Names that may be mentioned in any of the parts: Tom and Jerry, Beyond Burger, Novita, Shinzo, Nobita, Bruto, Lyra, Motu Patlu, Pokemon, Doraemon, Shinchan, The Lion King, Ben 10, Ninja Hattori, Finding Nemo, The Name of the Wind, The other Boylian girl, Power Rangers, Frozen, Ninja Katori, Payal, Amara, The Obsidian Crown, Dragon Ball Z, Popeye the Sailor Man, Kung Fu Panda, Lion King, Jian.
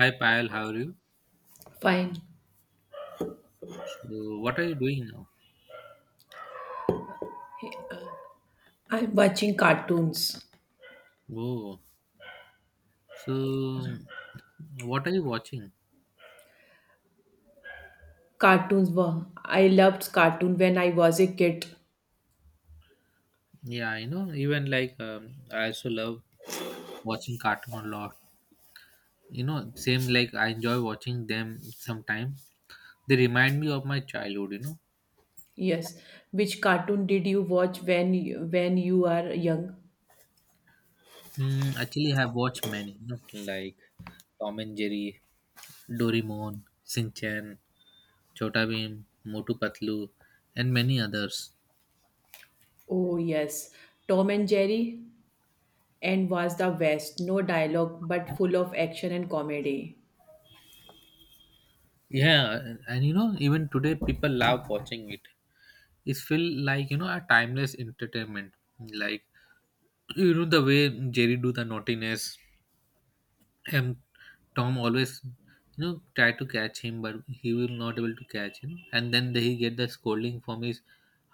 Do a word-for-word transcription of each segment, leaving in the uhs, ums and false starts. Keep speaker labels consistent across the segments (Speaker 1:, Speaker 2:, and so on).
Speaker 1: Hi Payal, how are you?
Speaker 2: Fine.
Speaker 1: So, what are you doing now?
Speaker 2: I'm watching cartoons.
Speaker 1: Oh, so what are you watching?
Speaker 2: Cartoons were. I loved cartoon when I was a kid.
Speaker 1: Yeah, you know, even like um, I also love watching cartoon a lot. You know, same like I enjoy watching them sometimes. They remind me of my childhood. You know,
Speaker 2: Yes. Which cartoon did you watch when you, when you are young?
Speaker 1: hmm, actually I have watched many, you know, like Tom and Jerry, Doraemon, Shinchan, Chota Bheem, Motu Patlu, and many others.
Speaker 2: Oh yes. Tom and Jerry and was the best. No dialogue but full of action and comedy.
Speaker 1: Yeah, and you know, even today people love watching it. It feel like you know a timeless entertainment like you know the way Jerry do the naughtiness and Tom always you know try to catch him, but he will not able to catch him and then he get the scolding from his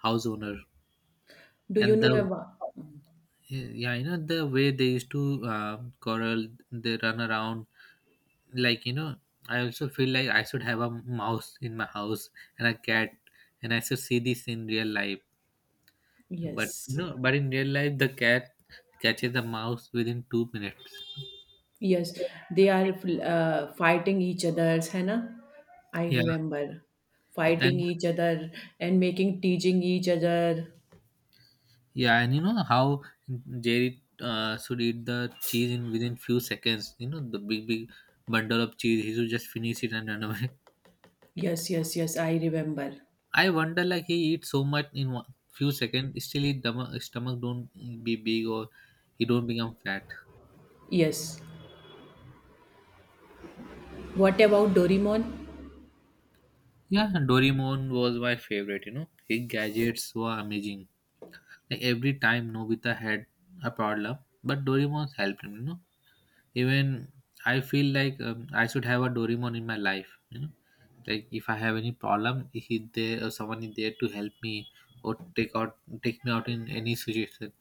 Speaker 1: house owner.
Speaker 2: Do you
Speaker 1: And the
Speaker 2: know about?
Speaker 1: yeah you know the way they used to uh, quarrel, they run around, like you know I also feel like I should have a mouse in my house and a cat and I should see this in real life. But you
Speaker 2: Yes.
Speaker 1: know, but in real life, the cat catches the mouse within two minutes.
Speaker 2: Yes. They are uh, fighting each other's, hai na? I
Speaker 1: Yeah,
Speaker 2: remember fighting
Speaker 1: and
Speaker 2: each other and making teaching each other.
Speaker 1: yeah, and you know how Jerry uh, should eat the cheese in within few seconds. You know the big big bundle of cheese. He should just finish it and run away.
Speaker 2: Yes, yes, yes, I remember.
Speaker 1: I wonder, like he eats so much in one, few seconds, still his stomach, his stomach don't be big or he don't become fat.
Speaker 2: Yes. What about Doraemon?
Speaker 1: Yeah, Doraemon was my favorite. You know his gadgets were amazing. Like every time Nobita had a problem, but Doraemon helped him. You know, even I feel like um, I should have a Doraemon in my life. You know, like if I have any problem, he there or someone is there to help me or take out take me out in any situation.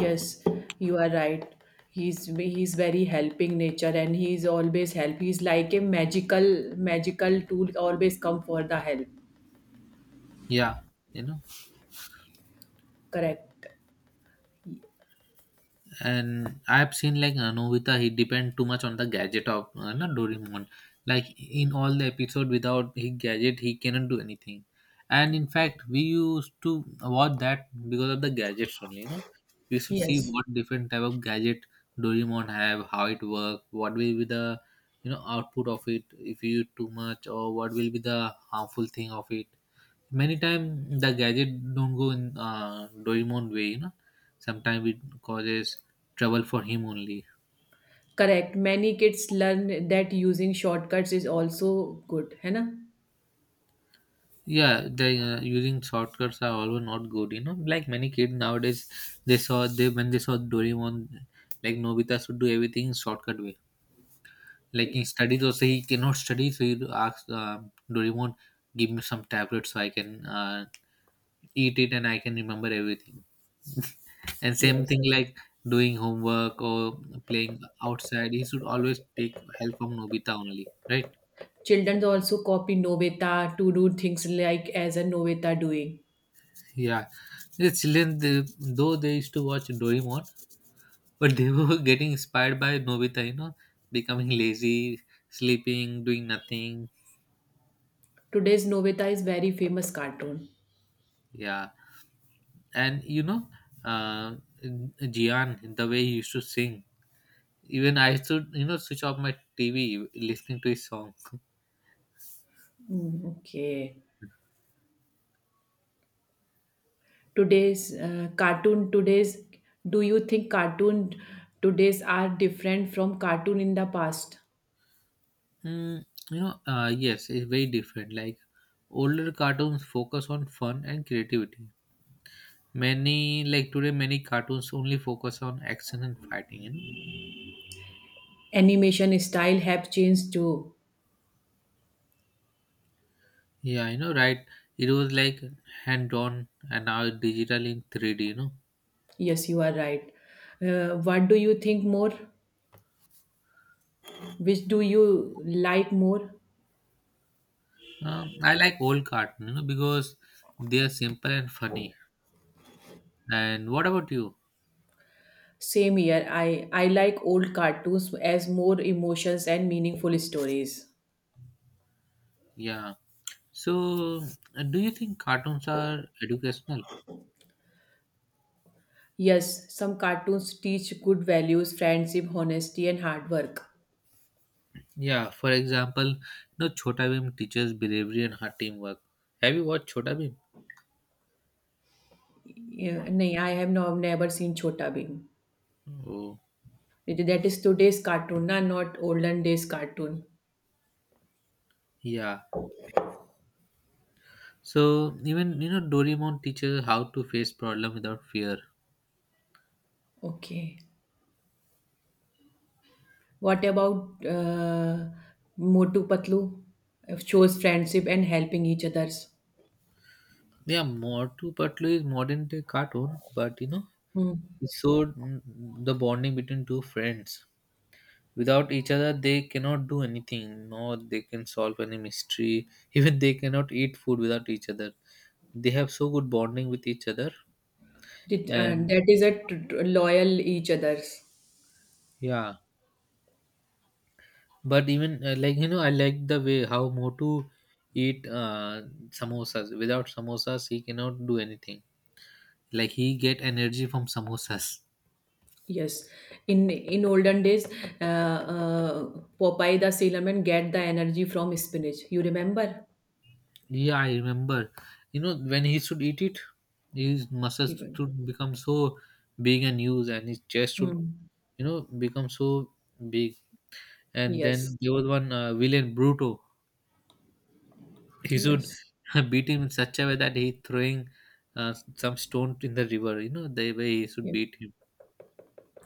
Speaker 2: Yes, you are right. He's he's very helping nature and he's always help. He's like a magical magical tool always come for the help.
Speaker 1: Yeah, you know.
Speaker 2: Correct.
Speaker 1: And I've seen like uh, Novita, he depend too much on the gadget of uh, not Doraemon. Like in all the episode, without his gadget, he cannot do anything. And in fact, we used to watch that because of the gadgets only. You know, we should see
Speaker 2: Yes.
Speaker 1: what different type of gadget Doraemon have, how it work, what will be the you know output of it if you use too much, or what will be the harmful thing of it. Many times the gadget don't go in uh, Doraemon way you know, sometimes it causes trouble for him only.
Speaker 2: Correct. Many kids learn that using shortcuts is also good, है ना?
Speaker 1: Yeah, the uh, using shortcuts are also not good you know, like many kids nowadays, they saw they when they saw Doraemon, like Nobita should do everything in shortcut way. Like in studies also he cannot study, so he asks uh, Doraemon, give me some tablet so I can uh, eat it and I can remember everything. And same
Speaker 2: Yes.
Speaker 1: thing like doing homework or playing outside, he should always take help from Nobita only, right?
Speaker 2: Children also copy Novita to do things like as a Novita doing.
Speaker 1: Yeah, the children they, though they used to watch Doraemon, but they were getting inspired by Nobita, you know, becoming lazy, sleeping, doing nothing.
Speaker 2: Today's Novita is very famous cartoon.
Speaker 1: Yeah, and you know, uh, Jian, the way he used to sing, even I used to, you know, switch off my T V listening to his song.
Speaker 2: Mm, okay. Today's uh, cartoon today's do you think cartoon today's are different from cartoon in the past?
Speaker 1: Mm, you know, uh, yes, it's very different. Like older cartoons focus on fun and creativity. Many like today, many cartoons only focus on action and fighting. You know.
Speaker 2: Animation style have changed too.
Speaker 1: Yeah, you know, right? It was like hand-drawn and now digital in three D. You know.
Speaker 2: Yes, you are right. Uh, what do you think more? Which do you like more?
Speaker 1: Um, I like old cartoon. You know, because they are simple and funny. And what about you?
Speaker 2: Same here. I I like old cartoons as more emotions and meaningful stories.
Speaker 1: Yeah. So, uh, do you think cartoons are educational?
Speaker 2: Yes, some cartoons teach good values, friendship, honesty, and hard work.
Speaker 1: Yeah, for example, no Chhota Bhim teaches bravery and hard teamwork. Have you watched Chhota Bhim?
Speaker 2: Yeah, nahi, I have no, never seen Chota Bheem.
Speaker 1: Oh,
Speaker 2: It- That is today's cartoon, na, not olden days cartoon.
Speaker 1: yeah. So even you know Doraemon teaches how to face problem without fear.
Speaker 2: Okay. What about uh, Motu Patlu? It shows friendship and helping each others.
Speaker 1: Yeah, more to particularly is modern day cartoon, but you know
Speaker 2: Hmm.
Speaker 1: it showed mm, the bonding between two friends. Without each other, they cannot do anything. No, they can solve any mystery. Even they cannot eat food without each other. They have so good bonding with each other,
Speaker 2: Did, uh,
Speaker 1: and
Speaker 2: that is a t- t- loyal each others.
Speaker 1: yeah. But even uh, like you know, I like the way how Motu eat uh, samosas. Without samosas, he cannot do anything. Like he get energy from samosas.
Speaker 2: Yes. In in olden days, uh, uh, Popeye the Sailor Man get the energy from spinach. You remember?
Speaker 1: Yeah, I remember. You know when he should eat it, his muscles
Speaker 2: Even.
Speaker 1: should become so big and huge, and his chest should
Speaker 2: Hmm.
Speaker 1: you know become so big. And
Speaker 2: Yes.
Speaker 1: then there was one uh, villain Bruto. He should
Speaker 2: Yes.
Speaker 1: beat him in such a way that he throwing uh, some stone in the river. You know the way he should
Speaker 2: Yes.
Speaker 1: beat him.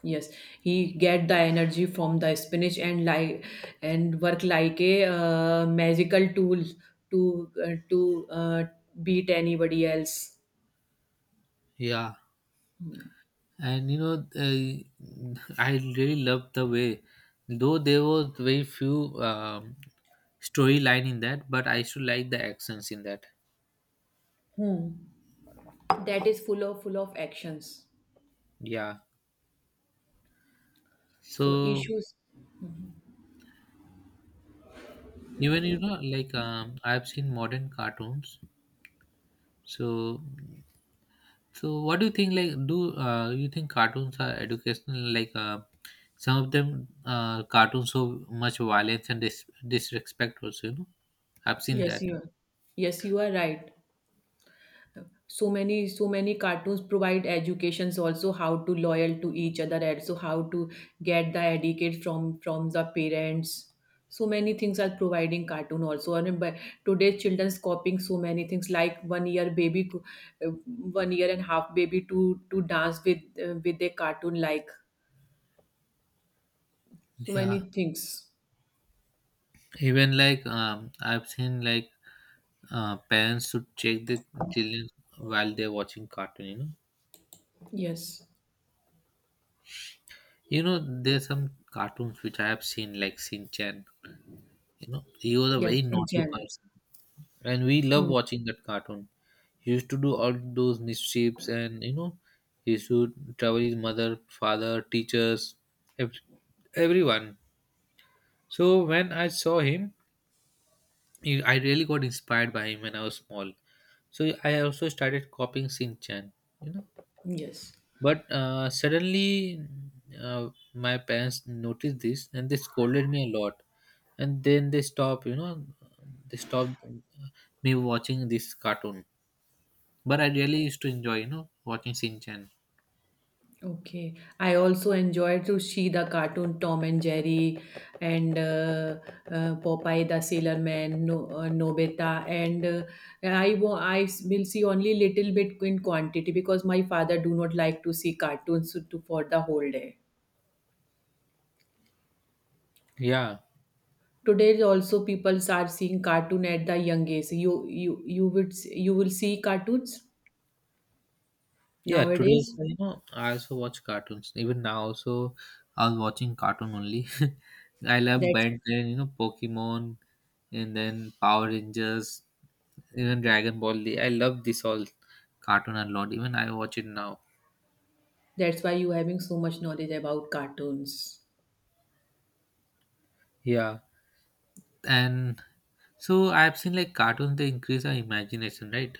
Speaker 2: Yes, he get the energy from the spinach and like and work like a uh, magical tool to uh, to uh, beat anybody else.
Speaker 1: Yeah. And you know uh, I really loved the way, though there was very few um, storyline in that, but I still like the accents in that.
Speaker 2: Hmm. That is full of full of actions.
Speaker 1: Yeah,
Speaker 2: So
Speaker 1: so
Speaker 2: issues.
Speaker 1: even you know like um, I've seen modern cartoons. So so what do you think like do uh, you think cartoons are educational, like uh, some of them uh, cartoons so much violence and dis- disrespect also, you know, I've seen
Speaker 2: Yes,
Speaker 1: that.
Speaker 2: you. Yes, you are right. so many so many cartoons provide educations also, how to loyal to each other, and so how to get the etiquette from from the parents. So many things are providing cartoon also, and but today children's copying so many things like one year baby co- uh, one year and half baby to to dance with uh, with a cartoon, like so
Speaker 1: Yeah,
Speaker 2: many things.
Speaker 1: even like um, I've seen like uh, parents should check the children while they're watching cartoon you know.
Speaker 2: Yes,
Speaker 1: You know there's some cartoons which I have seen like Shin Chan. You know he was a
Speaker 2: yes,
Speaker 1: very
Speaker 2: in
Speaker 1: naughty
Speaker 2: general.
Speaker 1: person and we love
Speaker 2: Hmm.
Speaker 1: watching that cartoon. He used to do all those mischiefs, and you know he used to trouble his mother, father, teachers, ev- everyone. So when I saw him, he- I really got inspired by him when I was small, so I also started copying Shin Chan, you know.
Speaker 2: Yes.
Speaker 1: But uh, suddenly, uh, my parents noticed this and they scolded me a lot. And then they stopped, you know, they stopped uh, me watching this cartoon. But I really used to enjoy, you know, watching Shin Chan.
Speaker 2: Okay. I also enjoyed to see the cartoon Tom and Jerry, and uh, uh, Popeye the Sailor Man, no, uh, Nobita, and uh, I wa- I s- will see only little bit in quantity, because my father do not like to see cartoons to, for the whole day.
Speaker 1: Yeah,
Speaker 2: Today also people are seeing cartoon at the young age. You you you would s- you will see cartoons
Speaker 1: yeah. Today,
Speaker 2: nowadays.
Speaker 1: also, you know, I also watch cartoons. Even now, also, I was watching cartoon only. I love
Speaker 2: That's
Speaker 1: Ben ten, you know, Pokemon, and then Power Rangers, even Dragon Ball. Z. I love this all cartoon a lot. Even I watch it now.
Speaker 2: that's why you having so much knowledge about cartoons.
Speaker 1: Yeah. And so I've seen like cartoons they increase our imagination, right?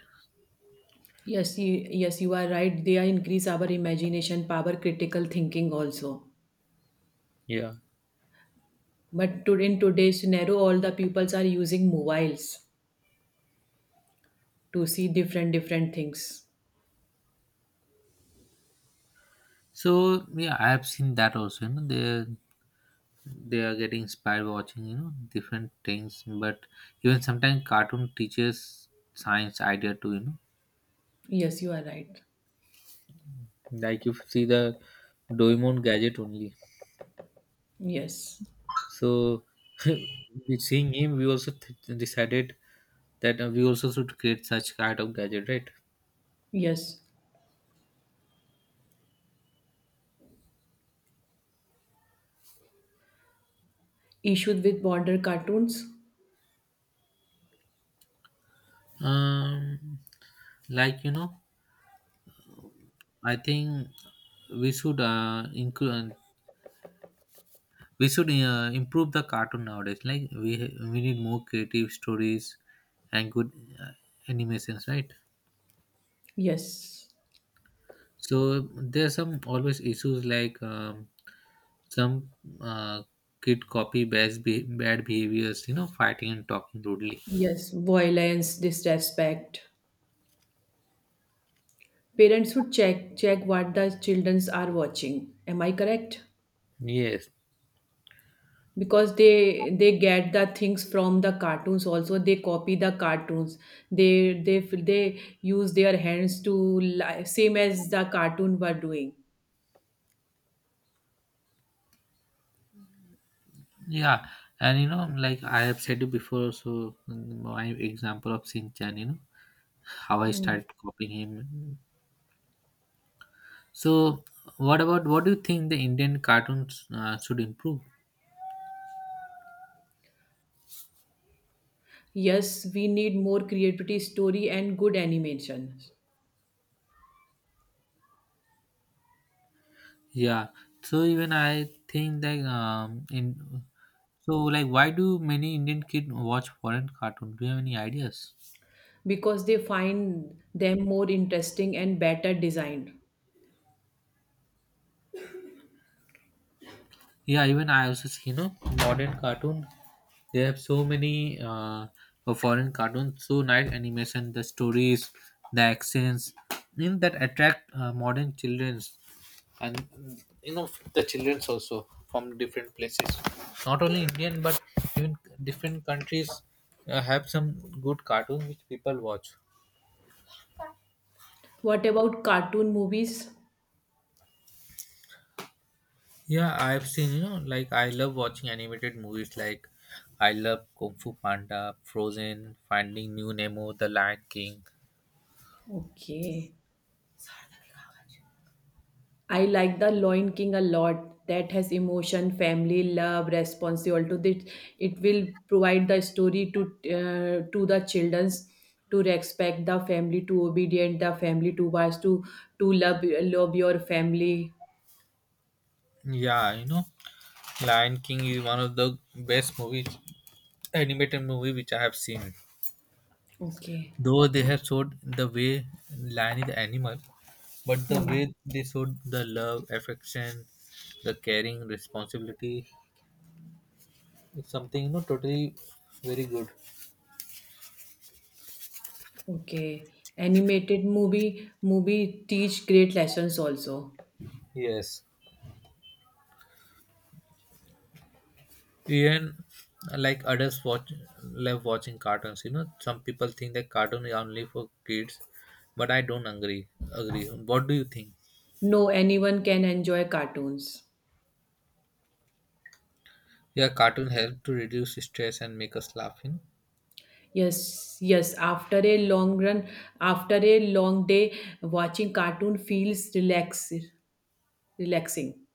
Speaker 2: Yes, you, yes, you are right. They increase our imagination power, critical thinking also.
Speaker 1: Yeah.
Speaker 2: But to, in today's scenario, all the peoples are using mobiles to see different different things.
Speaker 1: So yeah, I have seen that also. You know, they they are getting inspired watching you know different things, but even sometimes cartoon teaches science idea too. You know,
Speaker 2: Yes, you are right.
Speaker 1: like you see the Doraemon gadget only.
Speaker 2: Yes,
Speaker 1: So with seeing him, we also th- decided that uh, we also should create such kind of gadget, right?
Speaker 2: yes. Issued with border cartoons.
Speaker 1: Um, like you know, I think we should uh, include we should uh, improve the cartoon nowadays. Like we we need more creative stories and good uh, animations, right?
Speaker 2: Yes,
Speaker 1: So there are some always issues like um, some uh, kid copy bad be- bad behaviors, you know, fighting and talking rudely.
Speaker 2: yes. Violence, disrespect. Parents should check check what the childrens are watching. Am I correct?
Speaker 1: Yes.
Speaker 2: Because they they get the things from the cartoons. Also they copy the cartoons, they they they use their hands to li- same as the cartoon were doing.
Speaker 1: Yeah, and you know, like I have said it before, so mm, my example of Shin Chan, you know, how I
Speaker 2: Hmm.
Speaker 1: started copying him. So, what about what do you think the Indian cartoons uh, should improve?
Speaker 2: Yes, we need more creativity story and good animations,
Speaker 1: Yeah. So even I think that um in so like why do many Indian kids watch foreign cartoon? Do you have any ideas?
Speaker 2: because they find them more interesting and better designed.
Speaker 1: Yeah, even I also see you know modern cartoon. They have so many uh for foreign cartoons, so nice animation, the stories, the accents, in that attract uh, modern children and mm, you know the childrens also from different places, not only Indian but even different countries uh, have some good cartoons which people watch.
Speaker 2: What about cartoon movies?
Speaker 1: Yeah, I've seen you know like I love watching animated movies like I love Kung Fu Panda, Frozen, Finding New Nemo, The Lion King.
Speaker 2: Okay. I like the Lion King a lot. That has emotion, family, love, responsibility. To this, it will provide the story to uh, to the childrens to respect the family, to obedient the family, to wise, to to love love your family.
Speaker 1: Yeah, you know Lion King is one of the best movies, animated movie which I have seen,
Speaker 2: Okay.
Speaker 1: though they have showed the way lion is the animal. But the
Speaker 2: Hmm.
Speaker 1: way they showed the love, affection, the caring, responsibility, it's something you know totally very good.
Speaker 2: Okay. Animated movie movie teach great lessons also.
Speaker 1: Yes, even like adults watch love watching cartoons. You know, some people think that cartoon is only for kids, but I don't agree. Agree. What do you think?
Speaker 2: No, anyone can enjoy cartoons.
Speaker 1: Yeah, cartoon help to reduce stress and make us laugh. You know?
Speaker 2: Yes, yes. After a long run, after a long day, watching cartoon feels relax, relaxing.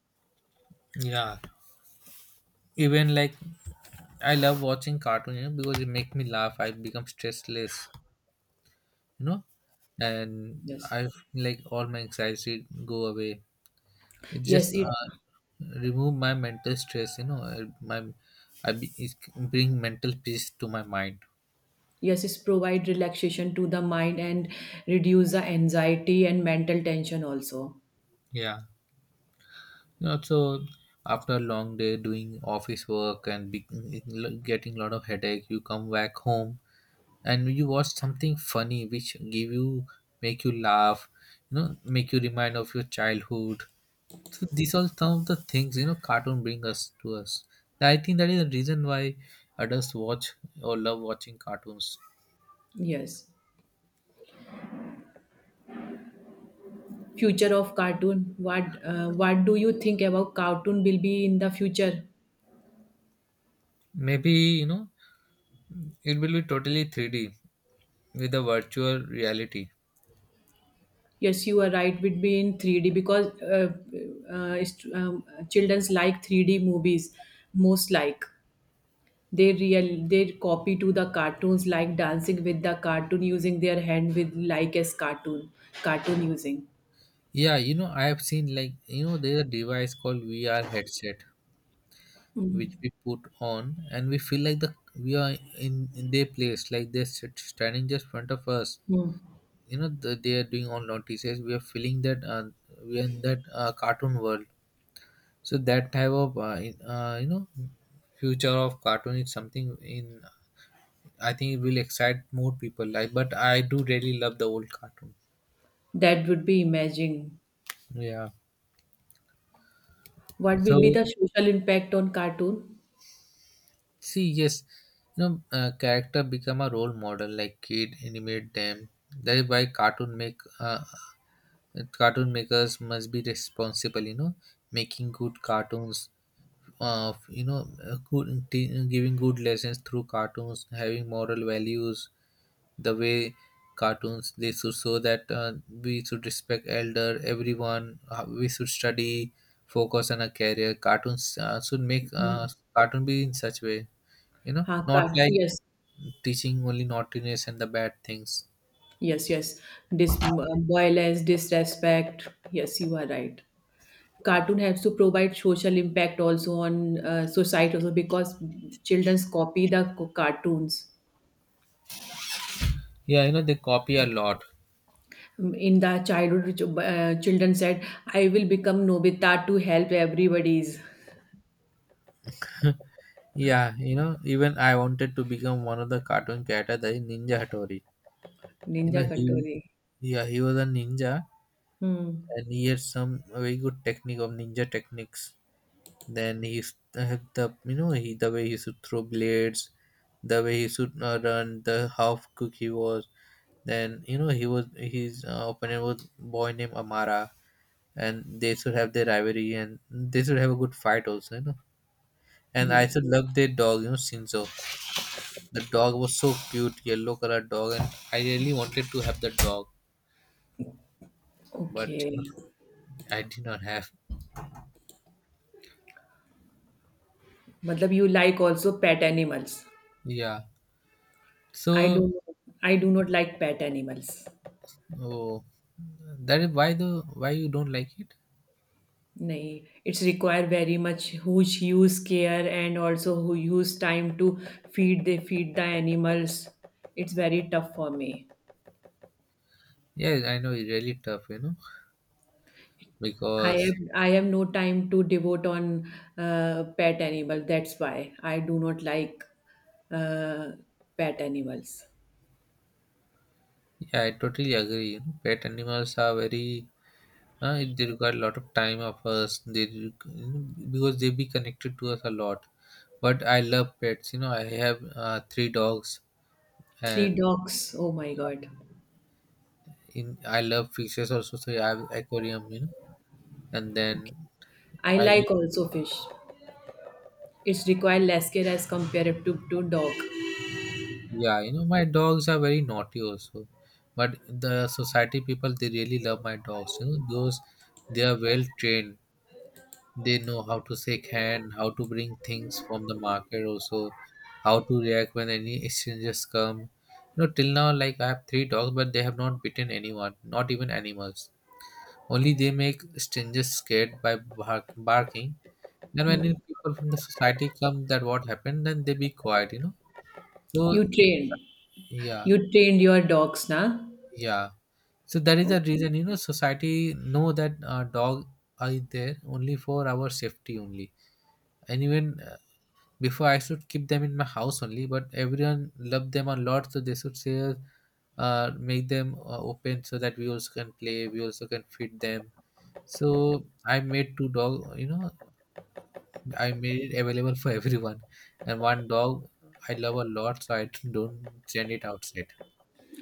Speaker 1: Yeah, even like I love watching cartoon you know, because it make me laugh. I become stressless. You know, and
Speaker 2: Yes,
Speaker 1: I feel like all my anxiety go away. It just
Speaker 2: yes. It
Speaker 1: uh, remove my mental stress you know. uh, my i be, it bring mental peace to my mind.
Speaker 2: yes, it provide relaxation to the mind and reduce the anxiety and mental tension also.
Speaker 1: Yeah, you know, so after a long day doing office work and be, getting a lot of headache, you come back home and you watch something funny which give you make you laugh, you know, make you remind of your childhood. So these are some of the things you know cartoon bring us to us. I think that is the reason why adults watch or love watching cartoons.
Speaker 2: Yes. Future of cartoon. What uh, what do you think about cartoon will be in the future?
Speaker 1: Maybe you know it will be totally three D with a virtual reality.
Speaker 2: Yes, you are right. Would be in three D, because uh, uh, it's- um, childrens like three D movies most like. They real they copy to the cartoons, like dancing with the cartoon using their hand with, like as cartoon cartoon using.
Speaker 1: Yeah, you know, I have seen, like, you know, there's a device called V R headset which we put on and we feel like the we are in, in their place, like they're sit, standing just front of us.
Speaker 2: Hmm.
Speaker 1: You know, the, they are doing all notices. We are feeling that uh, we are in that uh, cartoon world. So that type of uh, in- uh, you know, future of cartoon is something in, I think it will excite more people, like, but I do really love the old cartoon.
Speaker 2: That would be imagine.
Speaker 1: Yeah.
Speaker 2: What will be
Speaker 1: So
Speaker 2: the social impact on cartoon?
Speaker 1: see, yes, you know, uh, character become a role model. Like kid animate them. That is why cartoon make uh, cartoon makers must be responsible. You know, making good cartoons. Uh, you know, uh, good, t- giving good lessons through cartoons, having moral values. The way cartoons, they should show that uh, we should respect elder, everyone. Uh, we should study, focus on a career. Cartoons uh, should make
Speaker 2: Hmm.
Speaker 1: uh, cartoon be in such way, you know,
Speaker 2: Huh,
Speaker 1: not
Speaker 2: cart-
Speaker 1: like
Speaker 2: yes,
Speaker 1: teaching only naughtiness and the bad things.
Speaker 2: yes, yes. Dis- uh, violence, disrespect. Yes, you are right. Cartoon has to provide social impact also on uh, society also, because childrens copy the co- cartoons.
Speaker 1: Yeah, you know, they copy a lot.
Speaker 2: Mm, in the childhood, ch- uh, children said, "I will become Nobita to help everybody's
Speaker 1: Yeah, you know, even I wanted to become one of the cartoon character, the Ninja Hattori. You
Speaker 2: Ninja
Speaker 1: know, he,
Speaker 2: Katori."
Speaker 1: yeah, he was a ninja,
Speaker 2: Hmm.
Speaker 1: and he had some very good technique of ninja techniques. Then he used to have the, you know, he the way he should throw blades, the way he should, uh, run, the how quick he was. Then, you know, he was, his uh, opponent was boy named Amara, and they should have their rivalry and they should have a good fight also, you know. And I
Speaker 2: Yes.
Speaker 1: should love their dog, you know, Shinzo. The dog was so cute, yellow color dog, and I really wanted to have the dog, but you know,
Speaker 2: Okay.
Speaker 1: I did not have.
Speaker 2: Matlab, you like also pet animals.
Speaker 1: Yeah.
Speaker 2: I do
Speaker 1: So
Speaker 2: not, I do not like pet animals.
Speaker 1: oh, that is why, the why you don't like it.
Speaker 2: No, it's require very much huge, huge care, and also who use time to feed the feed the animals. It's very tough for me.
Speaker 1: Yeah, I know, it's really tough, you know,
Speaker 2: I
Speaker 1: because
Speaker 2: am I have no time to devote on uh, pet animal. That's why I do not like uh, pet animals.
Speaker 1: yeah, I totally agree, you know, pet animals are very, uh, they require a lot of time of us. They re- you know, because they be connected to us a lot. But I love pets. You know, I have uh, three dogs, and
Speaker 2: Three dogs. Oh my god.
Speaker 1: in I love fishes also. So I have aquarium. You know, and then
Speaker 2: I
Speaker 1: I,
Speaker 2: like also fish. It's require less care as compared to, to dog.
Speaker 1: yeah, you know, my dogs are very naughty also. But the society people, they really love my dogs. You know, because they are well trained. They know how to shake hand, how to bring things from the market also, how to react when any strangers come. You know, till now, like I have three dogs, but they have not bitten anyone, not even animals. Only they make strangers scared by bark- barking. Then when people from the society come, that what happened, then they be quiet, you know. So
Speaker 2: You train.
Speaker 1: yeah,
Speaker 2: You trained your dogs, na?
Speaker 1: yeah. So that is the reason, you know, society know that uh, dog are there only for our safety only. And even uh, before, I should keep them in my house only, but everyone love them a lot, so they should say, uh, make them uh, open so that we also can play, we also can feed them. So I made two dog, you know, I made it available for everyone. And one dog I love a lot, so I don't send it outside.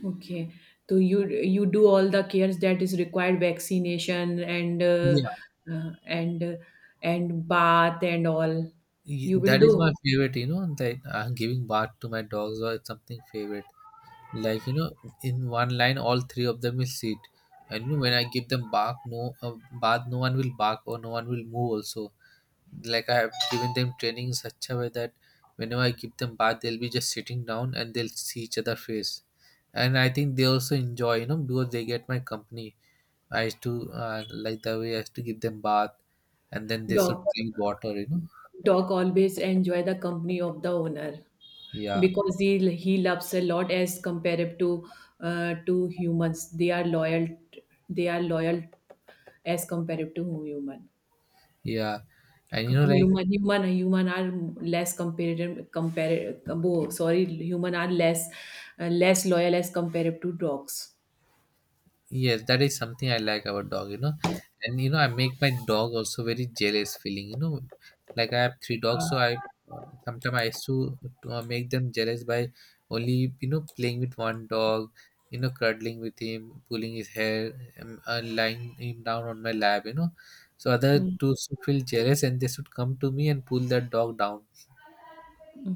Speaker 2: Okay. So you you do all the cares that is required, vaccination and uh,
Speaker 1: Yeah,
Speaker 2: uh, and uh, and bath and all.
Speaker 1: y-
Speaker 2: You will
Speaker 1: that is
Speaker 2: do
Speaker 1: my favorite. You know, that uh, giving bath to my dogs or something favorite. Like, you know, in one line, all three of them will sit. And you know, when I give them bark, no uh, bath, no one will bark or no one will move. Also, like, I have given them training in such a way that whenever I give them bath, they'll be just sitting down and they'll see each other face. And I think they also enjoy, you know, because they get my company. I used to, uh, like the way I used to give them bath, and then they should
Speaker 2: dog.
Speaker 1: drink water. You know,
Speaker 2: Dog always enjoy the company of the owner,
Speaker 1: yeah,
Speaker 2: because he he loves a lot as compared to uh, to humans. They are loyal. They are loyal as compared to human.
Speaker 1: yeah, and you know, like
Speaker 2: Human human human are less compared compared. Oh, sorry, human are less uh, less loyal as compared to dogs.
Speaker 1: yes, that is something I like about dog. You know, and you know, I make my dog also very jealous feeling. You know, like I have three dogs, so I sometimes I used to uh, make them jealous by only, you know, playing with one dog. You know, cuddling with him, pulling his hair, um, uh, lying him down on my lap. You know, so other
Speaker 2: Hmm.
Speaker 1: two should feel jealous and they should come to me and pull that dog down.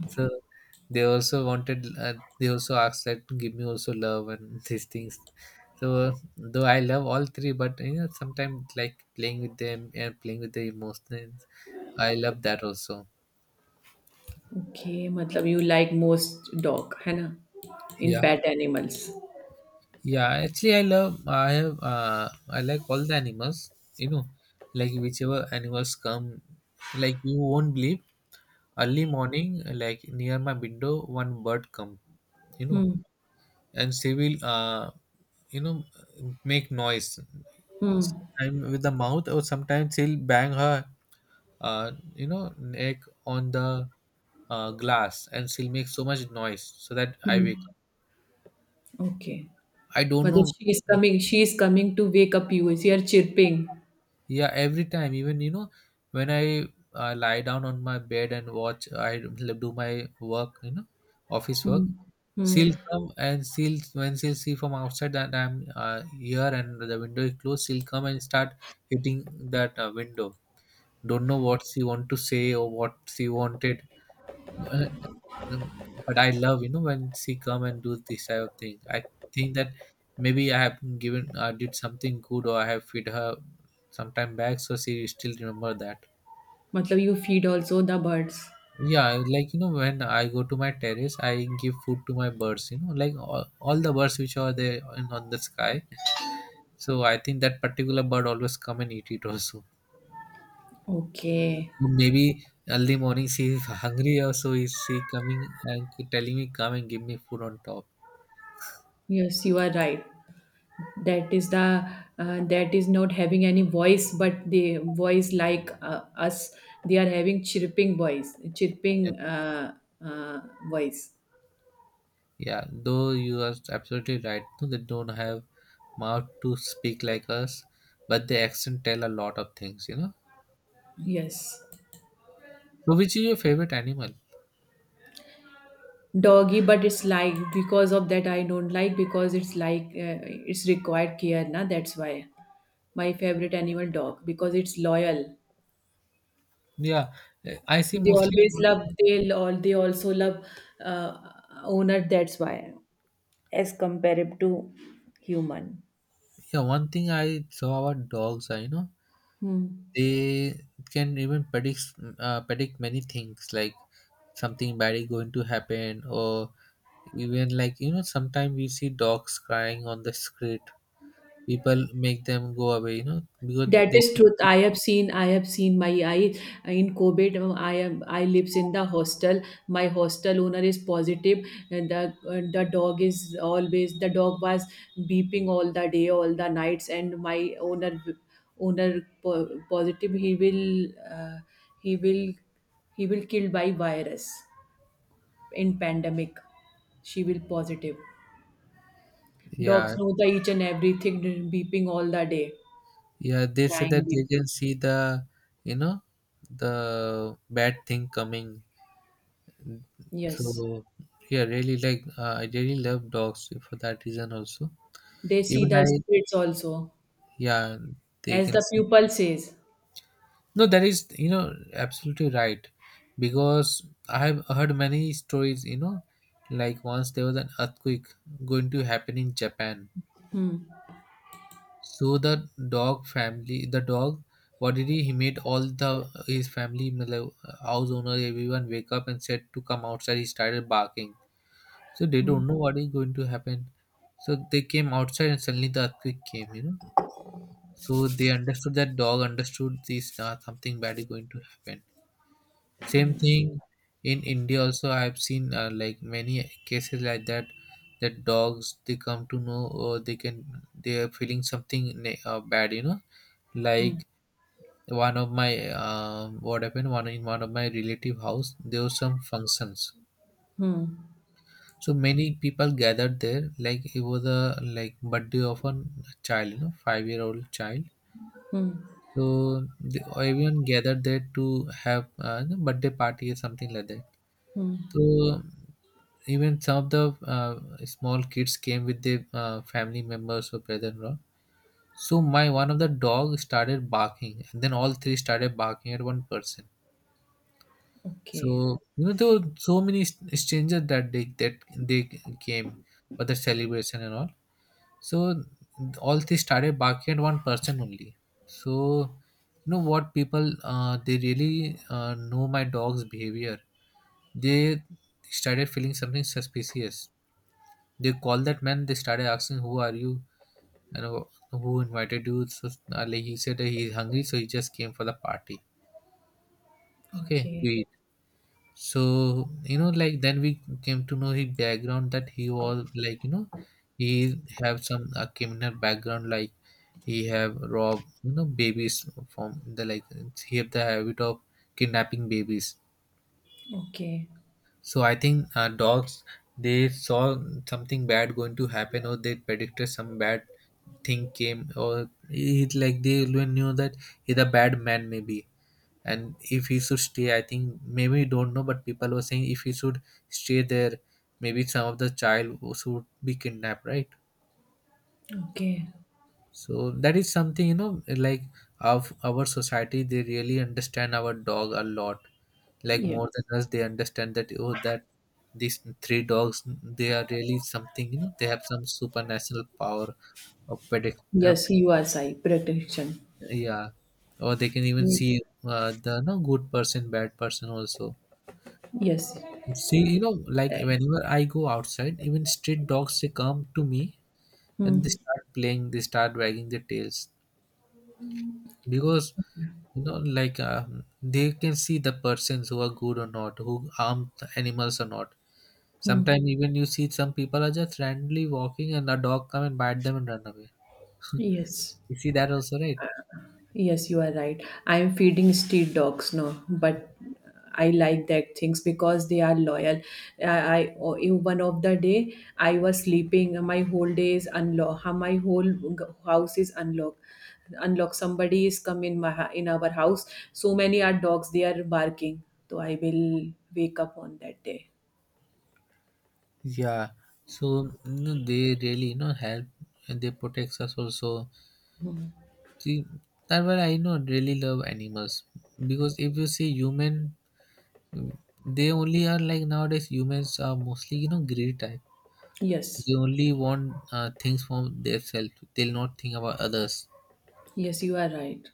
Speaker 1: So they also wanted, uh, they also asked that give me also love and these things. So though I love all three, but you know, sometimes like playing with them and playing with the emotions, I love that also.
Speaker 2: Okay, मतलब you like most dog है ना in
Speaker 1: Yeah,
Speaker 2: pet animals.
Speaker 1: yeah. Actually, I love. I have. Uh, I like all the animals. You know, like whichever animals come, like, you won't believe. Early morning, like near my window, one bird come. You know,
Speaker 2: Hmm.
Speaker 1: and she will. Uh, you know, make noise.
Speaker 2: Hmm.
Speaker 1: Sometime with the mouth, or sometimes she'll bang her, uh, you know, neck on the, uh, glass, and she'll make so much noise so that I
Speaker 2: Hmm.
Speaker 1: wake up.
Speaker 2: Okay.
Speaker 1: I don't know.
Speaker 2: मतलब she is coming she is coming to wake up you is here chirping.
Speaker 1: Yeah, every time, even, you know, when I, uh, lie down on my bed and watch, I do my work, you know, office work.
Speaker 2: Hmm. Hmm,
Speaker 1: She'll come, and she'll, when she'll see from outside that I'm, uh, here, and the window is closed, she'll come and start hitting that, uh, window. Don't know what she want to say or what she wanted. Uh, um, but I love, you know, when she come and do this type of thing. I think that maybe I have given, uh, did something good, or I have feed her sometime back, so she still remember that.
Speaker 2: मतलब you feed also the birds.
Speaker 1: Yeah, like, you know, when I go to my terrace, I give food to my birds. You know, like all, all the birds which are there in, on the sky. So I think that particular bird always come and eat it also.
Speaker 2: Okay.
Speaker 1: Maybe early morning she is hungry, or so is she coming and telling me, come and give me food on top.
Speaker 2: Yes, you are right. That is the uh, that is not having any voice, but the voice like uh, us, they are having chirping voice, chirping uh, uh, voice.
Speaker 1: Yeah, though you are absolutely right. No, they don't have mouth to speak like us, but the accent tell a lot of things, you know.
Speaker 2: Yes.
Speaker 1: So, which is your favorite animal?
Speaker 2: Doggy, but it's like because of that I don't like, because it's like uh, it's required care, na, that's why. My favorite animal dog, because it's loyal,
Speaker 1: Yeah, eh, I see
Speaker 2: they
Speaker 1: mostly.
Speaker 2: always love, they all they also love uh, owner. That's why as compared to human.
Speaker 1: Yeah, one thing I saw about dogs are, you know,
Speaker 2: Hmm.
Speaker 1: they can even predict uh, predict many things, like something bad is going to happen, or even like, you know, sometimes we see dogs crying on the street. People make them go away, you know, because
Speaker 2: That
Speaker 1: they,
Speaker 2: is truth. I have seen. I have seen my eye in COVID. um, I am. I lives in the hostel. My hostel owner is positive, and the and the dog is always. The dog was beeping all the day, all the nights, and my owner owner po- positive. He will uh, he will he will killed by virus in pandemic. She will positive.
Speaker 1: yeah.
Speaker 2: Dogs know the each and everything, beeping all the day,
Speaker 1: Yeah, they say
Speaker 2: crying,
Speaker 1: that they
Speaker 2: beeping.
Speaker 1: can see the, you know, the bad thing coming.
Speaker 2: Yes.
Speaker 1: So yeah, really like, uh, I really love dogs for that reason also.
Speaker 2: They see
Speaker 1: Even
Speaker 2: the
Speaker 1: I,
Speaker 2: spirits also,
Speaker 1: yeah, they
Speaker 2: as
Speaker 1: can
Speaker 2: the
Speaker 1: see.
Speaker 2: pupil says.
Speaker 1: No, that is, you know, absolutely right. Because I have heard many stories, you know, like once there was an earthquake going to happen in Japan.
Speaker 2: Hmm.
Speaker 1: So the dog family, the dog, what did he? He made all the his family, matlab, house owner, everyone wake up and said to come outside. He started barking. So they
Speaker 2: Hmm.
Speaker 1: don't know what is going to happen. So they came outside, and suddenly the earthquake came. You know, so they understood that dog understood this, uh, something bad is going to happen. Same thing in India also. I have seen, uh, like many cases like that. That dogs, they come to know, or they can, they are feeling something ne- uh, bad. You know, like one of my, um what happened, one in one of my relative house there were some functions,
Speaker 2: Hmm.
Speaker 1: so many people gathered there, like it was a like birthday of a child, you know, five year old child.
Speaker 2: Hmm.
Speaker 1: So the, everyone gathered there to have, uh, you birthday party or something like that.
Speaker 2: Hmm.
Speaker 1: So even some of the uh, small kids came with their uh, family members or brother-in-law. So my one of the dog started barking, and then all three started barking at one person.
Speaker 2: Okay.
Speaker 1: So you know, there were so many st- strangers that they that they came for the celebration and all. So all they started barking at one person only. So you know what, people, uh, they really, uh, know my dog's behavior. They started feeling something suspicious. They called that man. They started asking, "Who are you? And wh- who invited you?" So, uh, like he said that he's hungry, so he just came for the party. Okay, to,
Speaker 2: Okay.
Speaker 1: so you know, like then we came to know his background, that he was like, you know, he have some a criminal background, like he have robbed, you know, babies from the, like he have the habit of kidnapping babies.
Speaker 2: Okay.
Speaker 1: So I think, uh, dogs, they saw something bad going to happen, or they predicted some bad thing came, or it like they even knew that he's a bad man, maybe. And if he should stay, I think maybe, don't know, but people were saying if he should stay there, maybe some of the child should be kidnapped, right?
Speaker 2: Okay.
Speaker 1: So that is something, you know, like of our society they really understand our dog a lot, like
Speaker 2: Yes.
Speaker 1: more than us they understand that, oh, that these three dogs, they are really something, you know, they have some supernatural power of predict uh,
Speaker 2: Yes, you are Sai, protection.
Speaker 1: Yeah, or they can even
Speaker 2: Yes.
Speaker 1: see, uh, the no good person, bad person also.
Speaker 2: Yes.
Speaker 1: See, you know, like whenever I go outside, even street dogs, they come to me and they start playing, they start wagging their tails because, you know, like, um, they can see the persons who are good or not, who harm the animals or not. Sometimes even you see some people are just randomly walking and a dog come and bite them and run away.
Speaker 2: Yes.
Speaker 1: You see that also, right?
Speaker 2: Yes, you are right. I'm feeding street dogs now, but I like that things because they are loyal. I, I oh, in one of the day I was sleeping. My whole day is unlocked. My whole g- house is unlocked. Unlock. Somebody is come in my hou- in our house. So many are dogs. They are barking. So I will wake up on that day.
Speaker 1: Yeah. So you know, they really, you know, help, and they protect us also. See, that's why I not really love animals, because if you see human, they only are like, nowadays humans are mostly, you know, greedy type. They
Speaker 2: Yes,
Speaker 1: only want, uh, things from themselves. They'll not think about others.
Speaker 2: yes, you are right.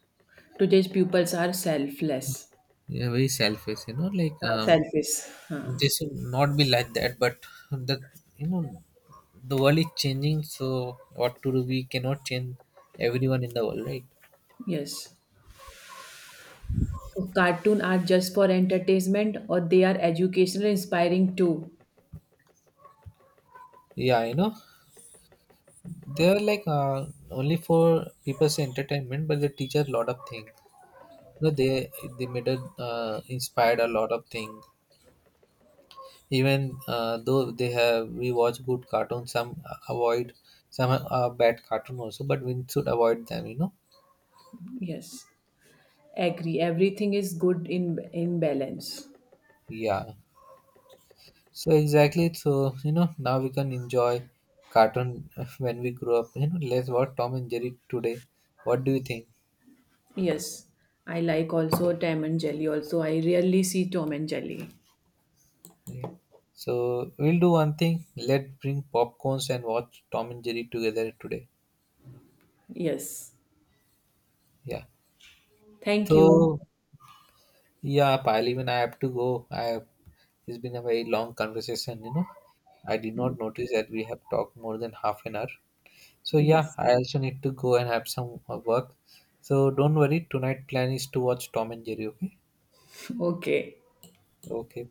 Speaker 2: Today's pupils are selfless,
Speaker 1: They are very selfish. You know, like,
Speaker 2: are
Speaker 1: um,
Speaker 2: selfish. Huh.
Speaker 1: they should not be like that. But the, you know, the world is changing. So what to do? We cannot change everyone in the world, right?
Speaker 2: Yes. So cartoon are just for entertainment, or they are educational, inspiring too.
Speaker 1: Yeah, you know, they are like, uh, only for people's entertainment, but they teach a lot of things, you know. they they made a, uh, inspired a lot of things, even, uh, though they have, we watch good cartoons, some avoid some, uh, bad cartoon also, but we should avoid them, you know.
Speaker 2: Yes. Agree. Everything is good in in balance.
Speaker 1: Yeah, so exactly, so you know, now we can enjoy cartoon when we grow up, you know. Let's watch Tom and Jerry today. What do you think?
Speaker 2: Yes. I like also Tom and Jelly also. I rarely see Tom and Jelly.
Speaker 1: Okay. So we'll do one thing. Let's bring popcorns and watch Tom and Jerry together today.
Speaker 2: Yes.
Speaker 1: Yeah.
Speaker 2: Thank you.
Speaker 1: So yeah, pal, even I have to go. I have, it's been a very long conversation, you know. I did not notice that we have talked more than half an hour. So yeah,
Speaker 2: Yes.
Speaker 1: I also need to go and have some, uh, work. So don't worry, tonight plan is to watch Tom and Jerry, okay?
Speaker 2: Okay.
Speaker 1: Okay.